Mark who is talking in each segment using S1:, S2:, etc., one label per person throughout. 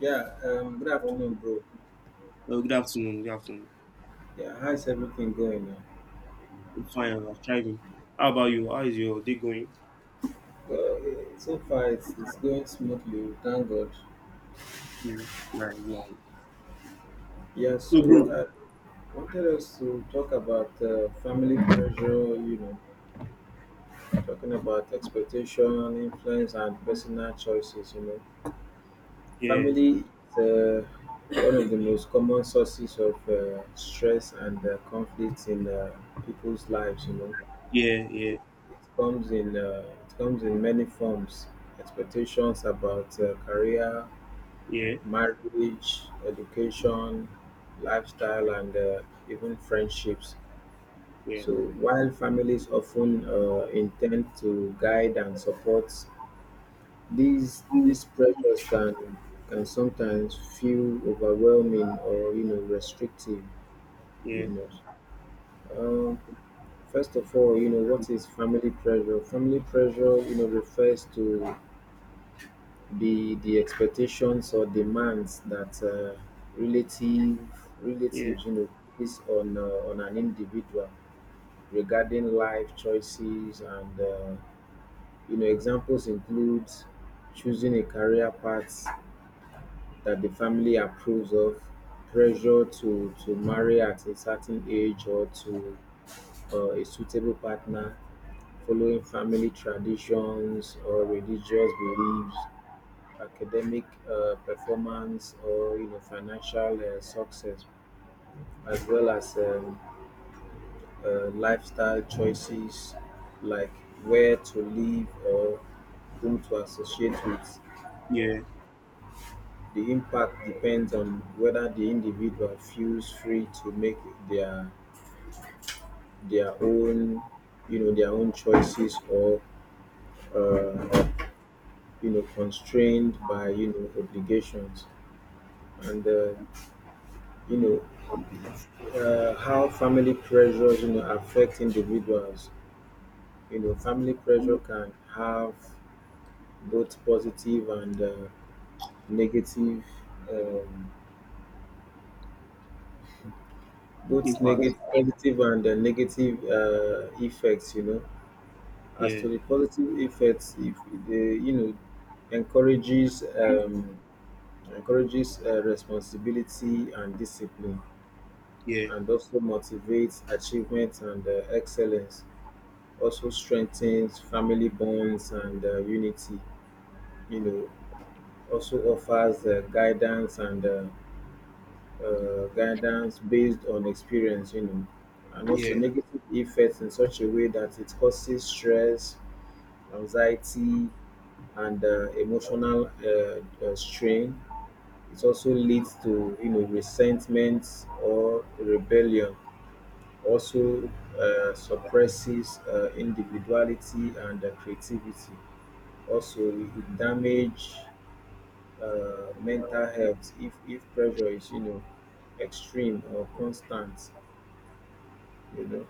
S1: Yeah, good afternoon, bro.
S2: Good afternoon. Good afternoon.
S1: Yeah, how's everything going now?
S2: I'm fine. I'm thriving. How about you? How is your day going?
S1: Well, so far it's going smoothly, thank God.
S2: Yeah, right, yeah.
S1: Yeah,
S2: So,
S1: so
S2: bro.
S1: I wanted us to talk about family pressure, talking about expectation, influence, and personal choices.
S2: Yeah,
S1: Family is one of the most common sources of stress and conflict in people's lives.
S2: yeah, yeah,
S1: It, it comes in many forms. Expectations about career,
S2: yeah,
S1: marriage, education, lifestyle, and even friendships.
S2: yeah,
S1: So while families often intend to guide and support, these
S2: Mm.
S1: these pressures can sometimes feel overwhelming or restrictive.
S2: yeah,
S1: You know. Um, First of all, what is family pressure? Family pressure, refers to the expectations or demands that relative
S2: yeah,
S1: relatives place on an individual regarding life choices, and examples include choosing a career path that the family approves of, pressure to marry at a certain age or to a suitable partner, following family traditions or religious beliefs, academic performance, or financial success, as well as lifestyle choices like where to live or whom to associate with.
S2: yeah.
S1: The impact depends on whether the individual feels free to make their their own their own choices, or uh, constrained by obligations. And you know how family pressures affect individuals, family pressure can have both positive and negative um, both
S2: Impact.
S1: negative positive and negative effects. As
S2: Yeah,
S1: to the positive effects, if they, encourages um, encourages responsibility and discipline,
S2: yeah,
S1: and also motivates achievement and excellence, also strengthens family bonds and unity. You know, Also offers guidance, and guidance based on experience. And also
S2: yeah,
S1: negative effects, in such a way that it causes stress, anxiety, and emotional strain. It also leads to, resentment or rebellion. Also suppresses individuality and creativity. Also, it could damage mental health if pressure is, extreme or constant. You know,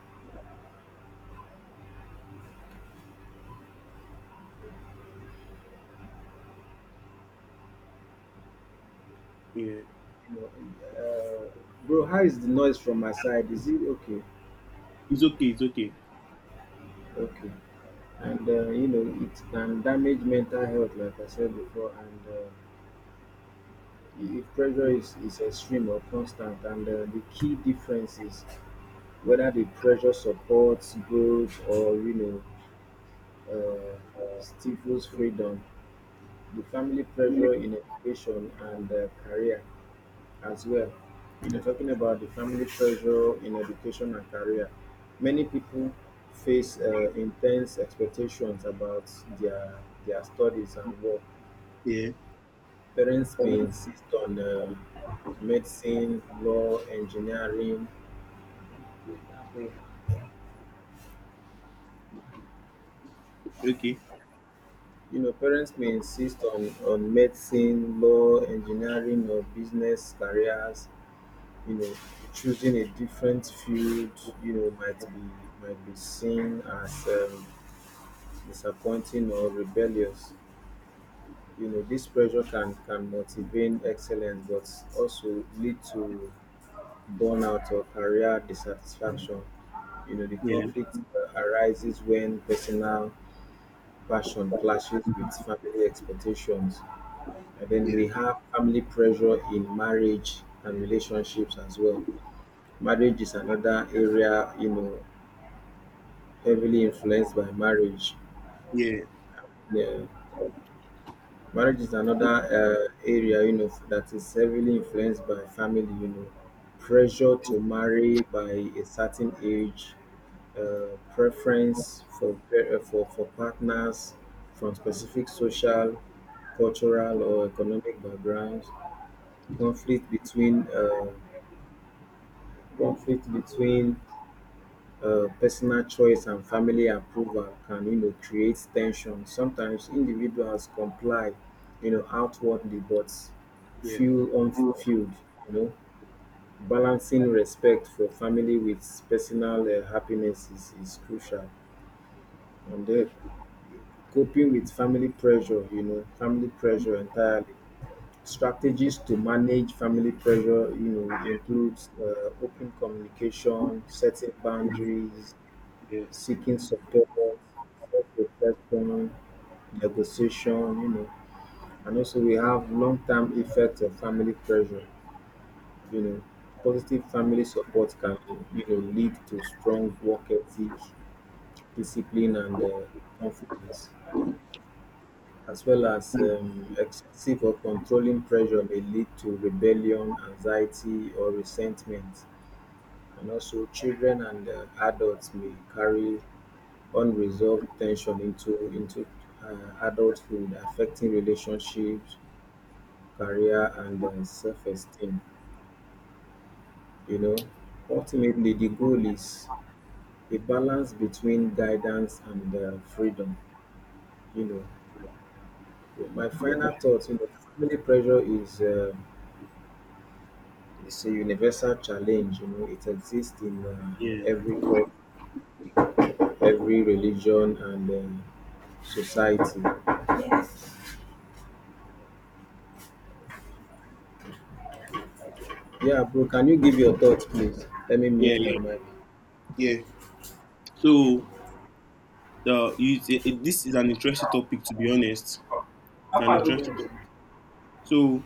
S2: yeah.
S1: you know. Uh, Bro, how is the noise from my side? Is it okay?
S2: It's okay. It's okay.
S1: Okay. And it can damage mental health, like I said before. And if pressure is extreme or constant. And the key difference is whether the pressure supports growth or know uh, stifles freedom. The family pressure in education and career as well. Talking about the family pressure in education and career, many people face intense expectations about their their studies and work.
S2: Yeah.
S1: Parents may insist on medicine, law, engineering.
S2: Okay.
S1: Parents may insist on medicine, law, engineering, or business careers. you know Choosing a different field, might be seen as disappointing or rebellious. This pressure can motivate excellence but also lead to burnout or career dissatisfaction. The
S2: Yeah,
S1: conflict arises when personal passion clashes with family expectations. And then
S2: yeah,
S1: we have family pressure in marriage and relationships as well. Marriage is another area, heavily influenced by marriage.
S2: yeah,
S1: Yeah, marriage is another area, that is heavily influenced by family, pressure to marry by a certain age, preference for partners from specific social, cultural, or economic backgrounds. Conflict between, uh, conflict between personal choice and family approval can, create tension. Sometimes individuals comply, outwardly, but
S2: yeah,
S1: feel
S2: Mm.
S1: unfulfilled. You know, Balancing respect for family with personal happiness is crucial. And then, coping with family pressure, family pressure entirely. Strategies to manage family pressure,
S2: yeah,
S1: includes open communication, setting
S2: Mm.
S1: boundaries,
S2: yeah,
S1: seeking support, self-reflection, negotiation. And also we have long-term effects of family pressure, you know. Positive family support can, lead to strong work ethic, discipline, and confidence. As well as,
S2: Mm.
S1: excessive or controlling pressure may lead to rebellion, anxiety, or resentment. And also, children and adults may carry unresolved tension into uh, adulthood, affecting relationships, career, and self-esteem. You know, Ultimately, the goal is a balance between guidance and freedom. You know, my final thoughts. Family pressure is it's a universal challenge. It exists in
S2: yeah,
S1: every culture, every religion, and society. Yes. Yeah, bro, can you give your thoughts, please? Let me
S2: yeah,
S1: mute my
S2: yeah,
S1: mic.
S2: yeah. So, the you, it- this is an interesting topic, to be honest. It's
S1: How
S2: an
S1: far do
S2: interesting
S1: you
S2: topic. So,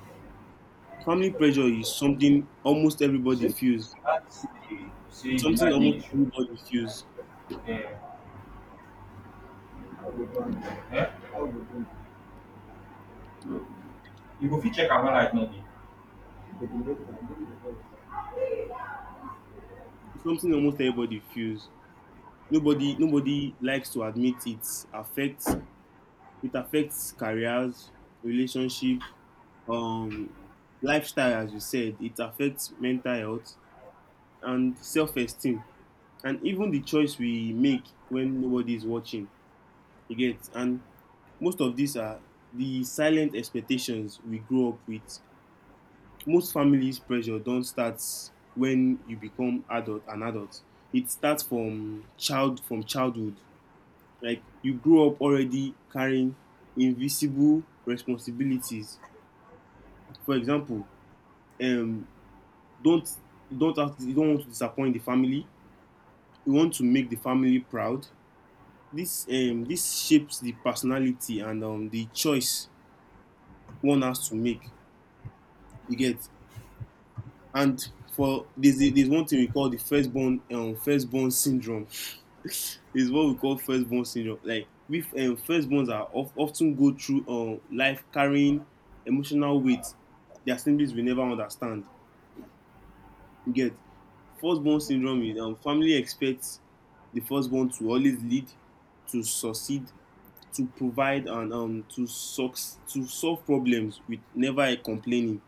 S2: family pressure is something almost everybody
S1: see?
S2: feels.
S1: That's the
S2: It's
S1: see the
S2: something
S1: lightning
S2: almost
S1: issue.
S2: everybody feels.
S1: Yeah. Yeah. You go fit check am when light no dey.
S2: It's something almost everybody feels. Nobody likes to admit affects it affects careers, relationship, um lifestyle as you said. It affects mental health and self esteem and even the choice we make when nobody is watching. You get, and most of these are the silent expectations we grow up with. Most families pressure don't start when you become adult an adult. It starts from childhood. Like, you grow up already carrying invisible responsibilities. For example, um, don't don't have to, you don't want to disappoint the family. You want to make the family proud. This shapes the personality and the choice one has to make. You get. And there's one thing we call the firstborn syndrome. Is what we call firstborn syndrome. Like, we firstborns are often go through life carrying emotional weight. There are things we never understand. You get. Firstborn syndrome is, family expects the firstborn to always lead, to succeed, to provide, and to solve problems with never a complaining.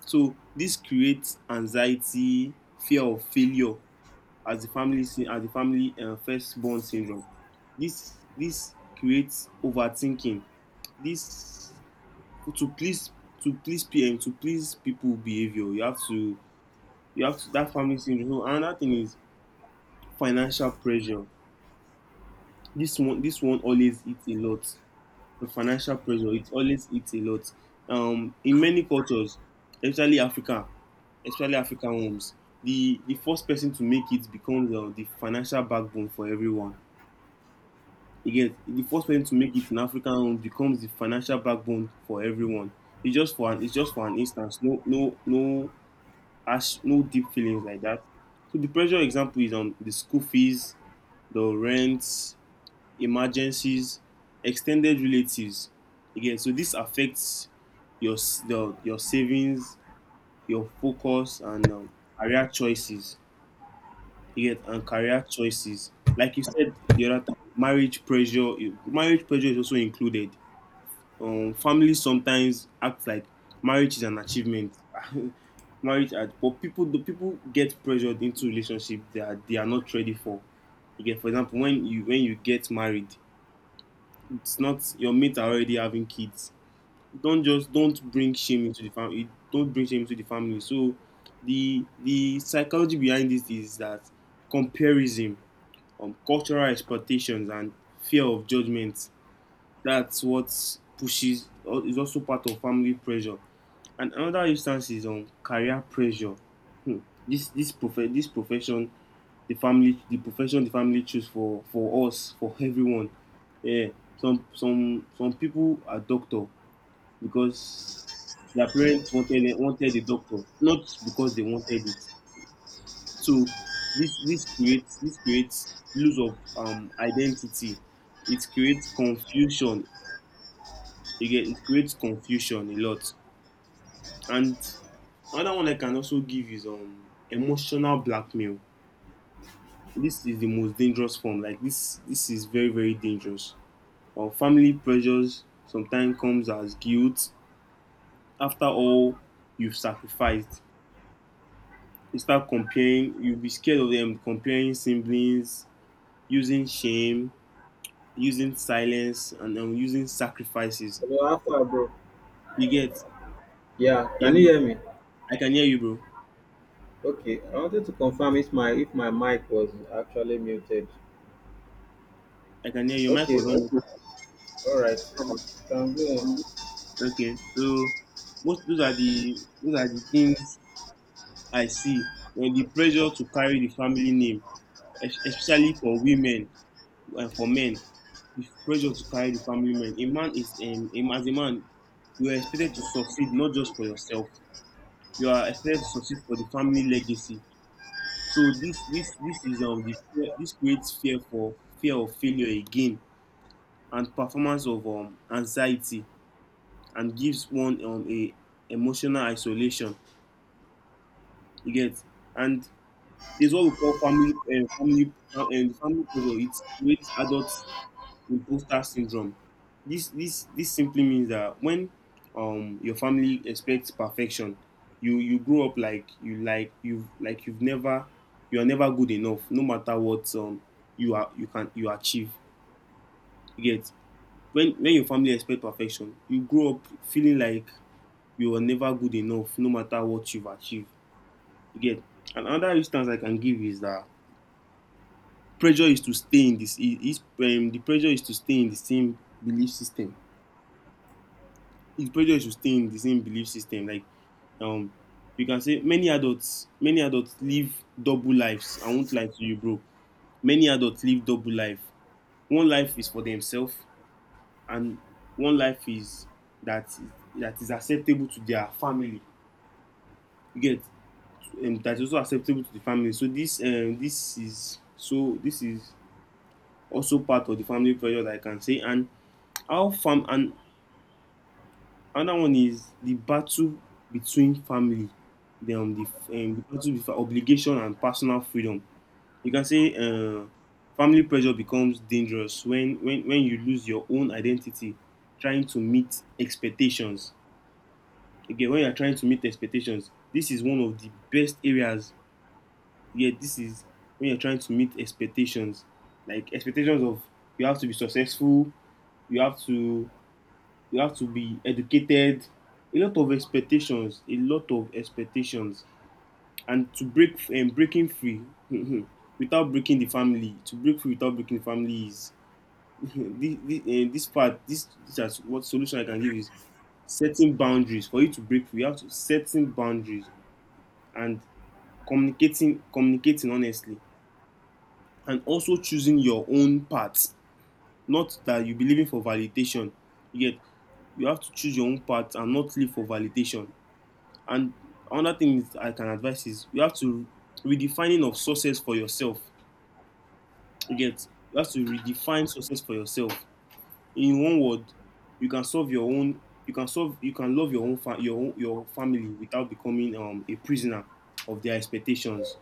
S2: So this creates anxiety, fear of failure, as the family firstborn syndrome. This creates overthinking. This, to please to please PM to please people behavior. You have to, that family syndrome. So another thing is financial pressure. This one always eats a lot. The financial pressure, it always eats a lot. In many cultures, especially Africa, especially African homes, the first person to make it becomes the financial backbone for everyone. Again, the first person to make it in African home becomes the financial backbone for everyone. It's just for an instance. No, no, no, ash no deep feelings like that. So the pressure example is on the school fees, the rents, emergencies, extended relatives. Again, so this affects your savings, your focus, and career choices. You and career choices. Like you said the other time, marriage pressure. Marriage pressure is also included. Families sometimes act like marriage is an achievement. But the people get pressured into relationships they are not ready for. You get, for example, when you get married, it's not your mate are already having kids. Don't bring shame into the family. Don't bring shame into the family. So, the psychology behind this is that comparison, cultural expectations, and fear of judgment. That's what pushes. Is also part of family pressure, and another instance is on career pressure. Hmm. This profession, the profession the family choose for us, for everyone. Yeah. Some people are doctor because their parents wanted a doctor, not because they wanted it. So this this creates loss of identity. It creates confusion. Again, it creates confusion a lot. And another one I can also give is emotional blackmail. This is the most dangerous form. Like this is very dangerous. Or family pressures sometimes comes as guilt. After all, you've sacrificed. You start comparing. You'll be scared of them comparing siblings, using shame, using silence, and using sacrifices.
S1: Bro.
S2: You get?
S1: Yeah,
S2: Yeah,
S1: can you
S2: bro.
S1: hear me?
S2: I can hear you, bro.
S1: Okay, I wanted to confirm if my mic was actually muted.
S2: I can hear you. Your mic
S1: Okay,
S2: was on.
S1: all right. You can go on.
S2: Okay, so, most those are the things I see. When the pressure to carry the family name, especially for women and for men, the pressure to carry the family name. A man is as a man, you are expected to succeed not just for yourself. You are expected to succeed for the family legacy. So this is the fear. This creates fear of failure again, and performance of anxiety, and gives one a emotional isolation. You get. And there's what we call family pressure. It creates adult imposter syndrome. This simply means that, when your family expects perfection, you grow up like you've never, you are never good enough, no matter what you achieve. You get. When your family expect perfection, you grow up feeling like you are never good enough, no matter what you've achieved. You get. And another instance I can give is that pressure is to stay in this. His The pressure is to stay in the same belief system. The pressure is to stay in the same belief system. Like, um, you can say many adults live double lives. I won't lie to you, bro, many adults live double life. One life is for themselves, and one life is that is acceptable to their family. You get. That is also acceptable to the family. So this is also part of the family pressure that I can say. And how fam and another one is the battle between family, the um, the, the battle between obligation and personal freedom. You can say, family pressure becomes dangerous when you lose your own identity, trying to meet expectations. Again, when you are trying to meet expectations, this is one of the best areas. Yeah, this is, when you're trying to meet expectations, like expectations of, you have to be successful, you have to be educated. A lot of expectations, a lot of expectations. And to breaking free without breaking the family, to break free without breaking the family, is this part, this, that's what solution I can give is setting boundaries. For you to break free, you have to setting boundaries, and communicating honestly, and also choosing your own path, not that you be living for validation. You get. You have to choose your own path and not live for validation. And another thing is I can advise is you have to redefining of success for yourself. You get. You have to redefine success for yourself. In one word, you can solve your own. You can solve. You can love your own fa- your own, your family without becoming a prisoner of their expectations.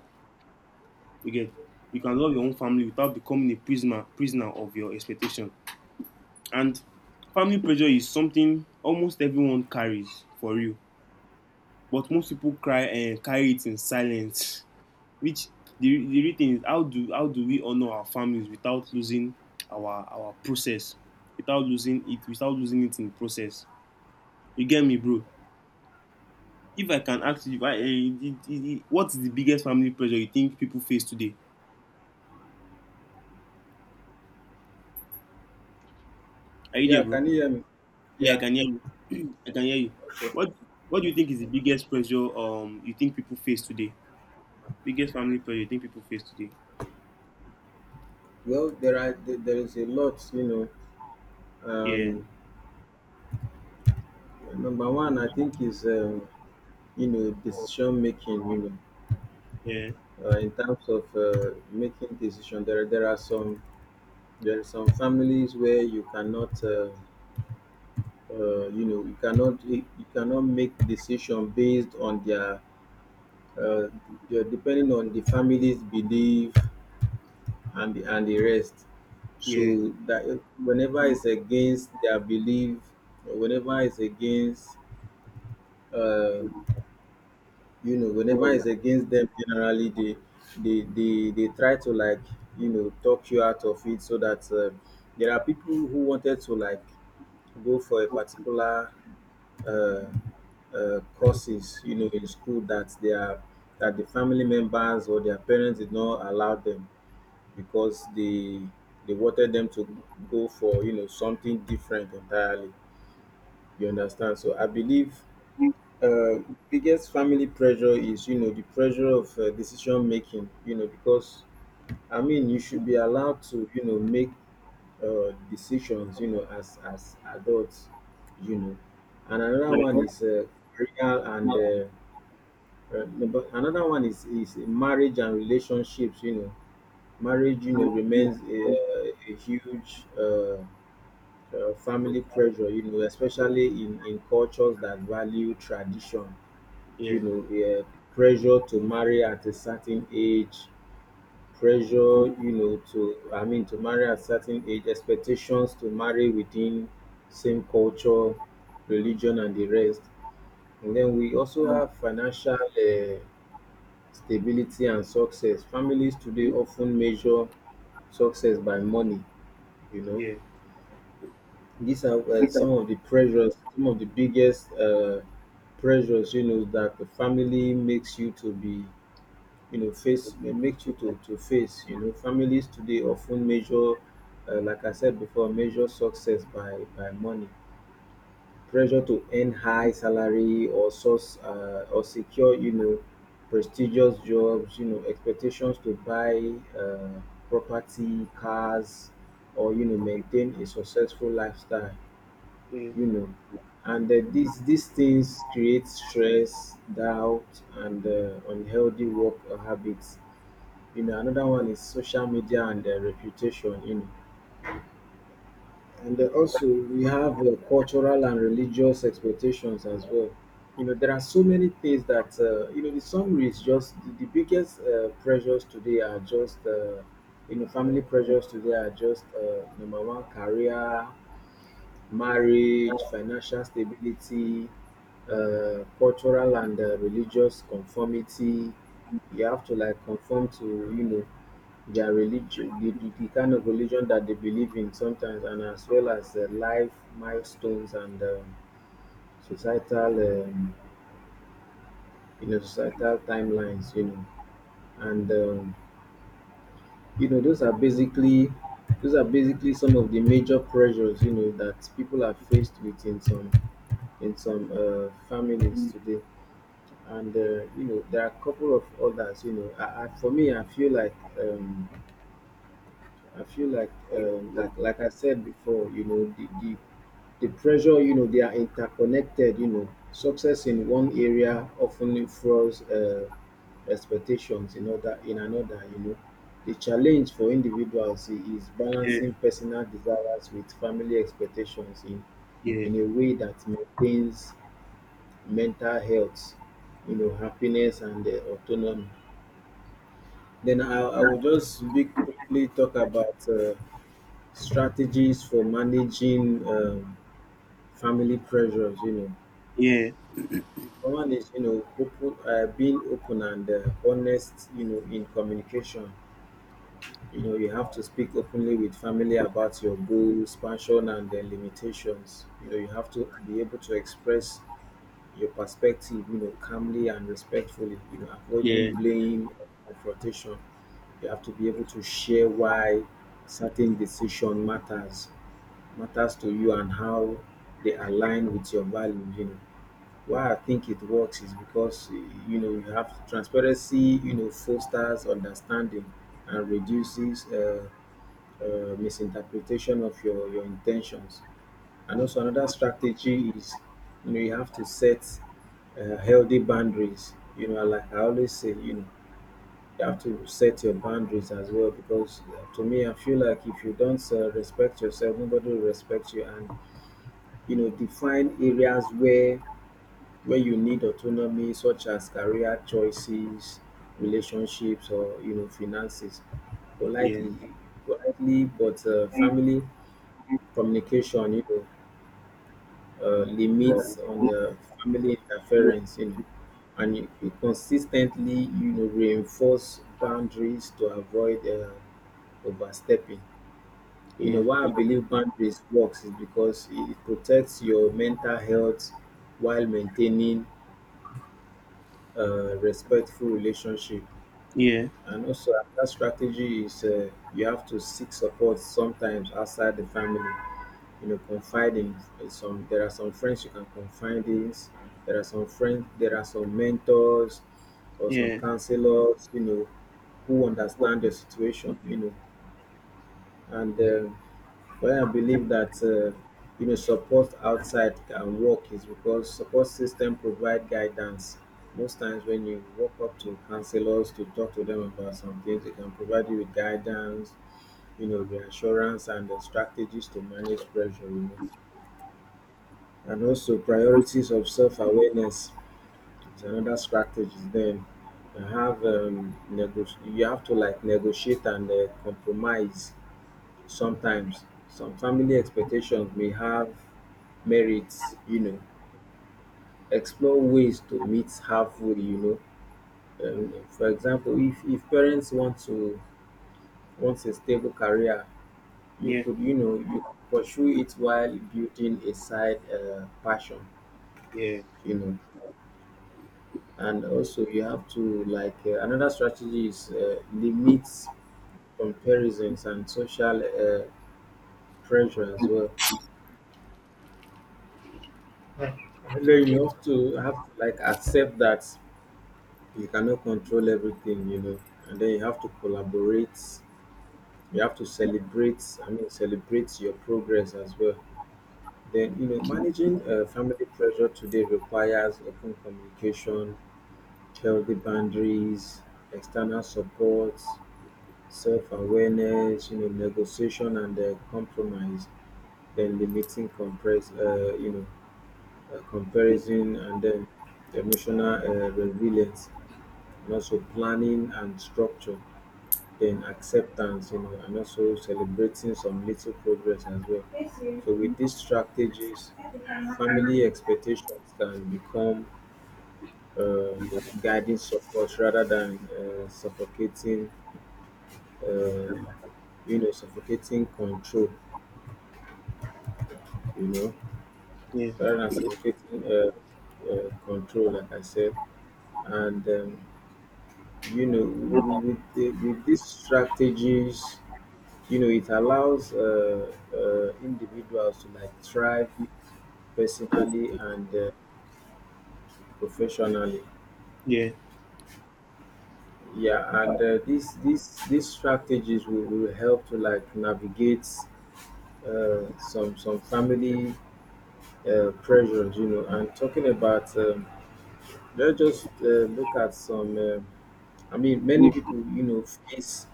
S2: You get. You can love your own family without becoming a prisoner prisoner of your expectation. And family pressure is something almost everyone carries for real, but most people cry and carry it in silence. Which, the real thing is, how do we honor our families without losing our process, without losing it, without losing it in the process. You get me, bro? If I can ask you, why what is the biggest family pressure you think people face today? Are you there,
S1: Yeah,
S2: bro?
S1: can you hear me?
S2: Yeah, I
S1: Yeah.
S2: can hear you. I can hear you.
S1: Okay.
S2: what what do you think is the biggest pressure you think people face today? Biggest family pressure you think people face today?
S1: Well, there are there there is a lot.
S2: Yeah,
S1: Um, Number one, I think, is decision making.
S2: yeah,
S1: In terms of making decision, there are some, families where you cannot you cannot make decision based on their, uh, depending on the family's belief, and the rest.
S2: yeah,
S1: So that whenever it's against their belief, whenever it's against uh, whenever it's against them, generally they try to, like, talk you out of it, so that, there are people who wanted to, like, go for a particular uh, courses, in school, that they are that the family members or their parents did not allow them, because they wanted them to go for, something different entirely, you understand. So I believe uh, biggest family pressure is, the pressure of decision making, because I mean, you should be allowed to, make decisions, as adults you know and another one
S2: yeah,
S1: is career, and another one is marriage and relationships. Marriage, remains a huge family pressure, especially in cultures that value tradition. Yeah, pressure to marry at a certain age, pressure, I mean, to marry at a certain age, expectations to marry within same culture, religion, and the rest. And then we also have financial stability and success. Families today often measure success by money, you know.
S2: yeah,
S1: These are some of the pressures, some of the biggest pressures, that the family makes you to be, face, may make you to face. Families today often measure, like I said before, measure success by money, pressure to earn high salary or source, or secure, prestigious jobs, expectations to buy uh, property, cars, or,
S2: yeah.
S1: maintain a successful lifestyle
S2: Yeah,
S1: you know and these things create stress, doubt, and unhealthy work habits. Another one is social media and reputation, And also, we have cultural and religious expectations as well. There are so many things that, the summary is just the biggest pressures today are just, family pressures today are just number one, career, marriage, financial stability, cultural and religious conformity. You have to, like, conform to, their religion, the kind of religion that they believe in sometimes, and as well as life milestones, and societal, um, societal timelines. And those are basically, some of the major pressures, that people are faced with in some, families today. And there are a couple of others, for me, um, I feel like, like I said before, the pressure, they are interconnected. Success in one area often influences expectations in other in another. The challenge for individuals, is
S2: yeah,
S1: balancing personal desires with family expectations in
S2: yeah,
S1: in a way that maintains mental health, happiness and autonomy. Then I will just briefly talk about. Strategies for managing family pressures.
S2: yeah,
S1: One is, you know, open being open and honest, you know, in communication. You know, you have to speak openly with family about your goals, passion and their limitations. You know, you have to be able to express your perspective, you know, calmly and respectfully, you know, avoiding
S2: yeah,
S1: blame or confrontation. You have to be able to share why certain decision matters to you and how they align with your values, you know. Why I think it works is because you know, you have transparency, you know, fosters understanding and reduces misinterpretation of your intentions. And also, another strategy is, you know, you have to set healthy boundaries. You know, like I always say, you know, you have to set your boundaries as well because, to me, I feel like if you don't respect yourself, nobody will respect you. And you know, define areas where you need autonomy, such as career choices, relationships, or you know, finances.
S2: yeah,
S1: Politely,
S2: yeah,
S1: politely, but family communication, you know, limits on family interference, you know, and you consistently, you know, reinforce boundaries to avoid overstepping. You
S2: yeah,
S1: know,
S2: yeah,
S1: why I
S2: yeah,
S1: believe boundaries works is because it protects your mental health while maintaining a respectful relationship.
S2: yeah,
S1: And also, another strategy is, you have to seek support sometimes outside the family. You know, confiding in some. There are some friends you can confide in. There are some friends. There are some mentors or some counselors, you know, who understand your situation, you know, and well, I believe that, you know, support outside can work is because support system provide guidance. Most times when you walk up to counselors to talk to them about some things, they can provide you with guidance, you know, reassurance and the strategies to manage pressure, you know. And also, priorities of self-awareness is another strategy. Then you have you have to, like, negotiate and compromise sometimes. Some family expectations may have merits, you know. Explore ways to meet halfway, you know. For example, if parents want a stable career, you could, you know, you could pursue it while building a side passion, you know. And also, you have to, like, another strategy is, limit comparisons and social pressure as well. Yeah. Then you have to like accept that you cannot control everything, you know, and then you have to collaborate. You have to celebrate. I mean, celebrate your progress as well. Then, you know, managing family pressure today requires open communication, healthy boundaries, external support, self-awareness, you know, negotiation and compromise. Then limiting compress. You know, comparison, and then emotional resilience, and also planning and structure, then acceptance, you know, and also celebrating some little progress as well. So with these strategies, family expectations can become uh, guiding support rather than suffocating, uh, you know, suffocating control, you know,
S2: yeah,
S1: rather than suffocating control, like I said. And, you know, with these strategies, you know, it allows individuals to, like, thrive personally and professionally.
S2: yeah,
S1: Yeah, and these strategies will help to, like, navigate some family pressures, you know. And talking about, let's just look at some, I mean, many people, you know, face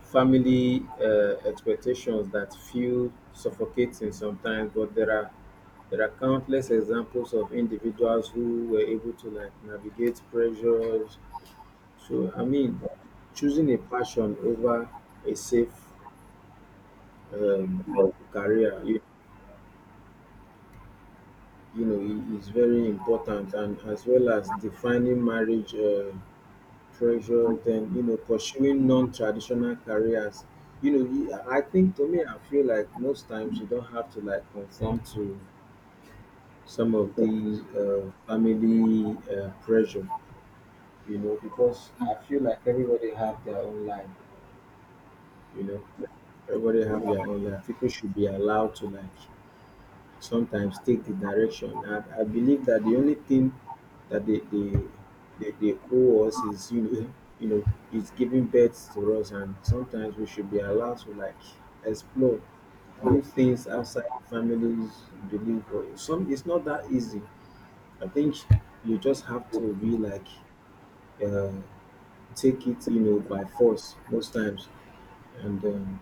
S1: family expectations that feel suffocating sometimes, but there are countless examples of individuals who were able to, like, navigate pressures. So I mean, choosing a passion over a safe, um, career, you know, is very important, and as well as defining marriage pressure. Then, you know, pursuing non-traditional careers. You know, I think, to me, I feel like most times you don't have to, like, conform to some of these family pressure, you know, because I feel like everybody have their own life. You know, everybody have their own life. People should be allowed to, like, sometimes take the direction. I believe that the only thing that they owe us is, you know, you know, is giving birth to us, and sometimes we should be allowed to, like, explore, do things outside families believe. Or some, it's not that easy. I think you just have to be like. Uh, Take it, you know, by force most times. And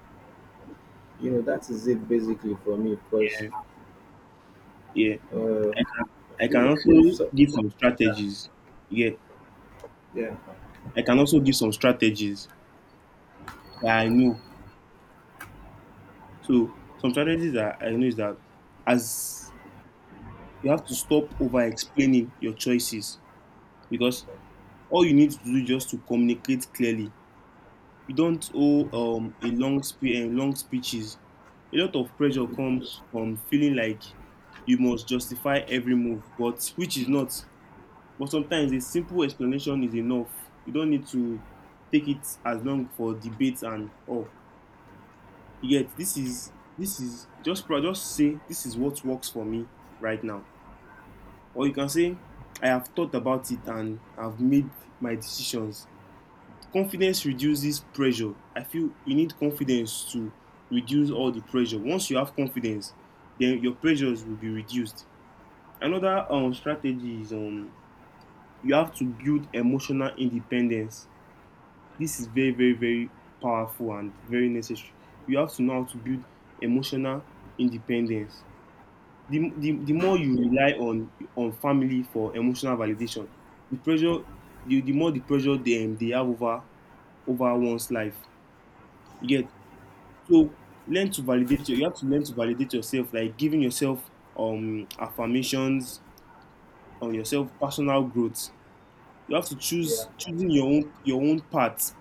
S1: you know, that is it basically for me because
S2: yeah. I
S1: I feel
S2: can
S1: like
S2: also
S1: so.
S2: give some strategies. Yeah,
S1: Yeah,
S2: I can also give some strategies that I know. So, some strategies that I know, is that, as, you have to stop over explaining your choices, because all you need to do is just to communicate clearly. You don't owe long speeches. A lot of pressure comes from feeling like you must justify every move, but which is not. But sometimes a simple explanation is enough. You don't need to take it as long for debates and oh, you get. This is, just say, this is what works for me right now, or you can say, I have thought about it and I've made my decisions. Confidence reduces pressure. I feel you need confidence to reduce all the pressure. Once you have confidence, then your pressures will be reduced. Another strategy is, you have to build emotional independence. This is very, very, very powerful and very necessary. You have to know how to build emotional independence. The more you rely on family for emotional validation, the pressure, the more the pressure they have over one's life. You So learn to you have to learn to validate yourself, like giving yourself affirmations on yourself, personal growth. You have to choose choosing your own path.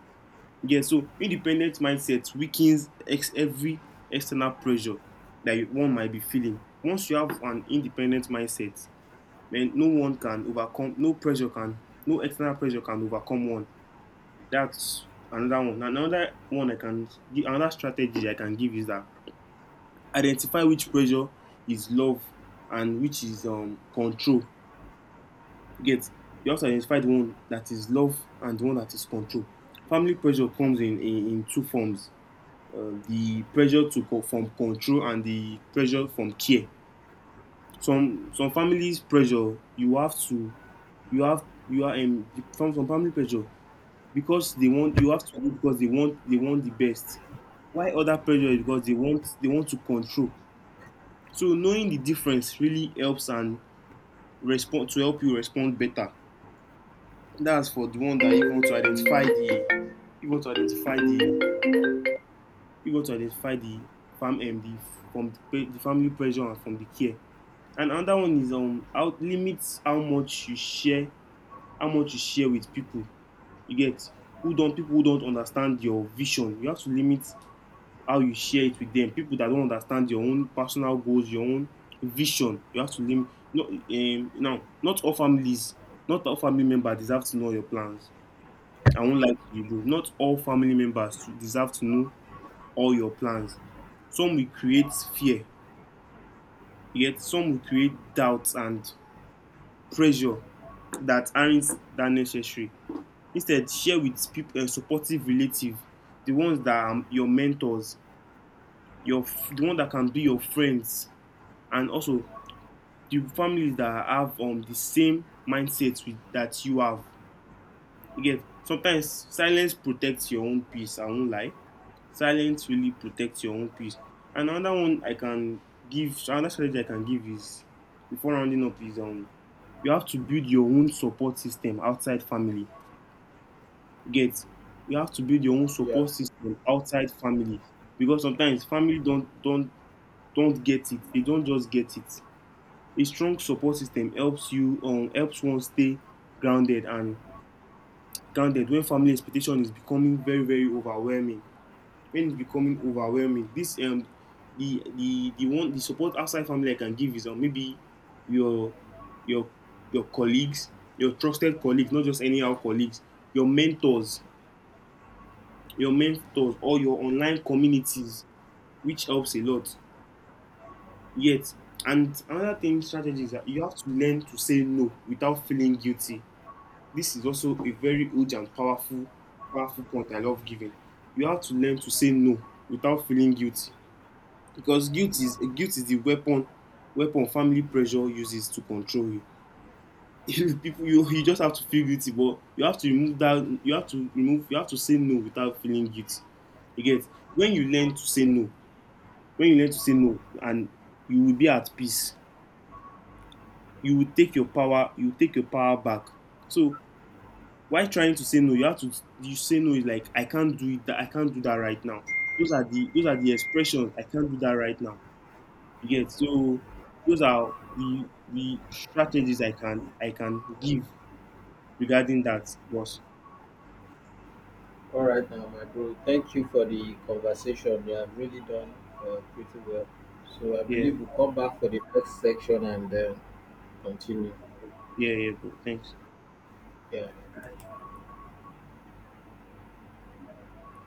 S2: Yeah, so independent mindset weakens every external pressure that one might be feeling. Once you have an independent mindset, man, no one can overcome, no pressure can, no external pressure can overcome one. That's another one. Another one another strategy I can give is that identify which pressure is love and which is control. Get, you have to identify the one that is love and the one that is control. Family pressure comes in two forms: the pressure to from control and the pressure from care. Some families pressure you have to you have you are from some family pressure because they want you have to do because they want the best. Why other pressure is because they want to control. So knowing the difference really helps and respond to help you respond better. That's for the one that you want to identify the you want to identify the you want to identify the fam the from the family pressure and from the care. And another one is um, out, limits how much you share with people. You get, who don't people who don't understand your vision. You have to limit how you share it with them, people that don't understand your own personal goals, your own vision, you have to limit. No, now not all families, not all family members deserve to know your plans. I won't lie to you, though, not all family members to deserve to know all your plans. Some will create fear, yet some will create doubts and pressure that aren't that necessary. Instead share with people, supportive relative, the ones that are your mentors, the one that can be your friends, and also the families that have the same mindset that you have. You get, sometimes silence protects your own peace. I won't lie. Silence really protects your own peace. And another strategy I can give is, before rounding up, is um, you have to build your own support system outside family. You get, you have to build your own
S1: yeah.
S2: support system outside family, because sometimes family don't get it. They don't just get it. A strong support system helps you, helps one stay grounded and grounded when family expectation is becoming very very overwhelming, when it's becoming overwhelming. This um, the support outside family I can give is, maybe your your your colleagues, your trusted colleagues, not just anyhow colleagues, your mentors your mentors, or your online communities, which helps a lot. Yet, and another thing, strategy is that you have to learn to say no without feeling guilty. This is also a very huge and powerful point I love giving. You have to learn to say no without feeling guilty, because guilt is the weapon family pressure uses to control you. People, you just have to feel guilty, but you have to remove that. You have to remove. You have to say no without feeling guilty. You get, when you learn to say no. When you learn to say no, and you will be at peace. You will take your power. You will take your power back. So while trying to say no, you have to, you say no is like I can't do it, that I can't do that right now. Those are the expressions, I can't do that right now. You get, so those are the strategies I can give regarding that, boss.
S1: All right, now, my bro. Thank you for the conversation. You have really done pretty well. So I
S2: Yeah,
S1: believe we'll come back for the next section and continue.
S2: yeah, yeah, bro. Thanks.
S1: Yeah.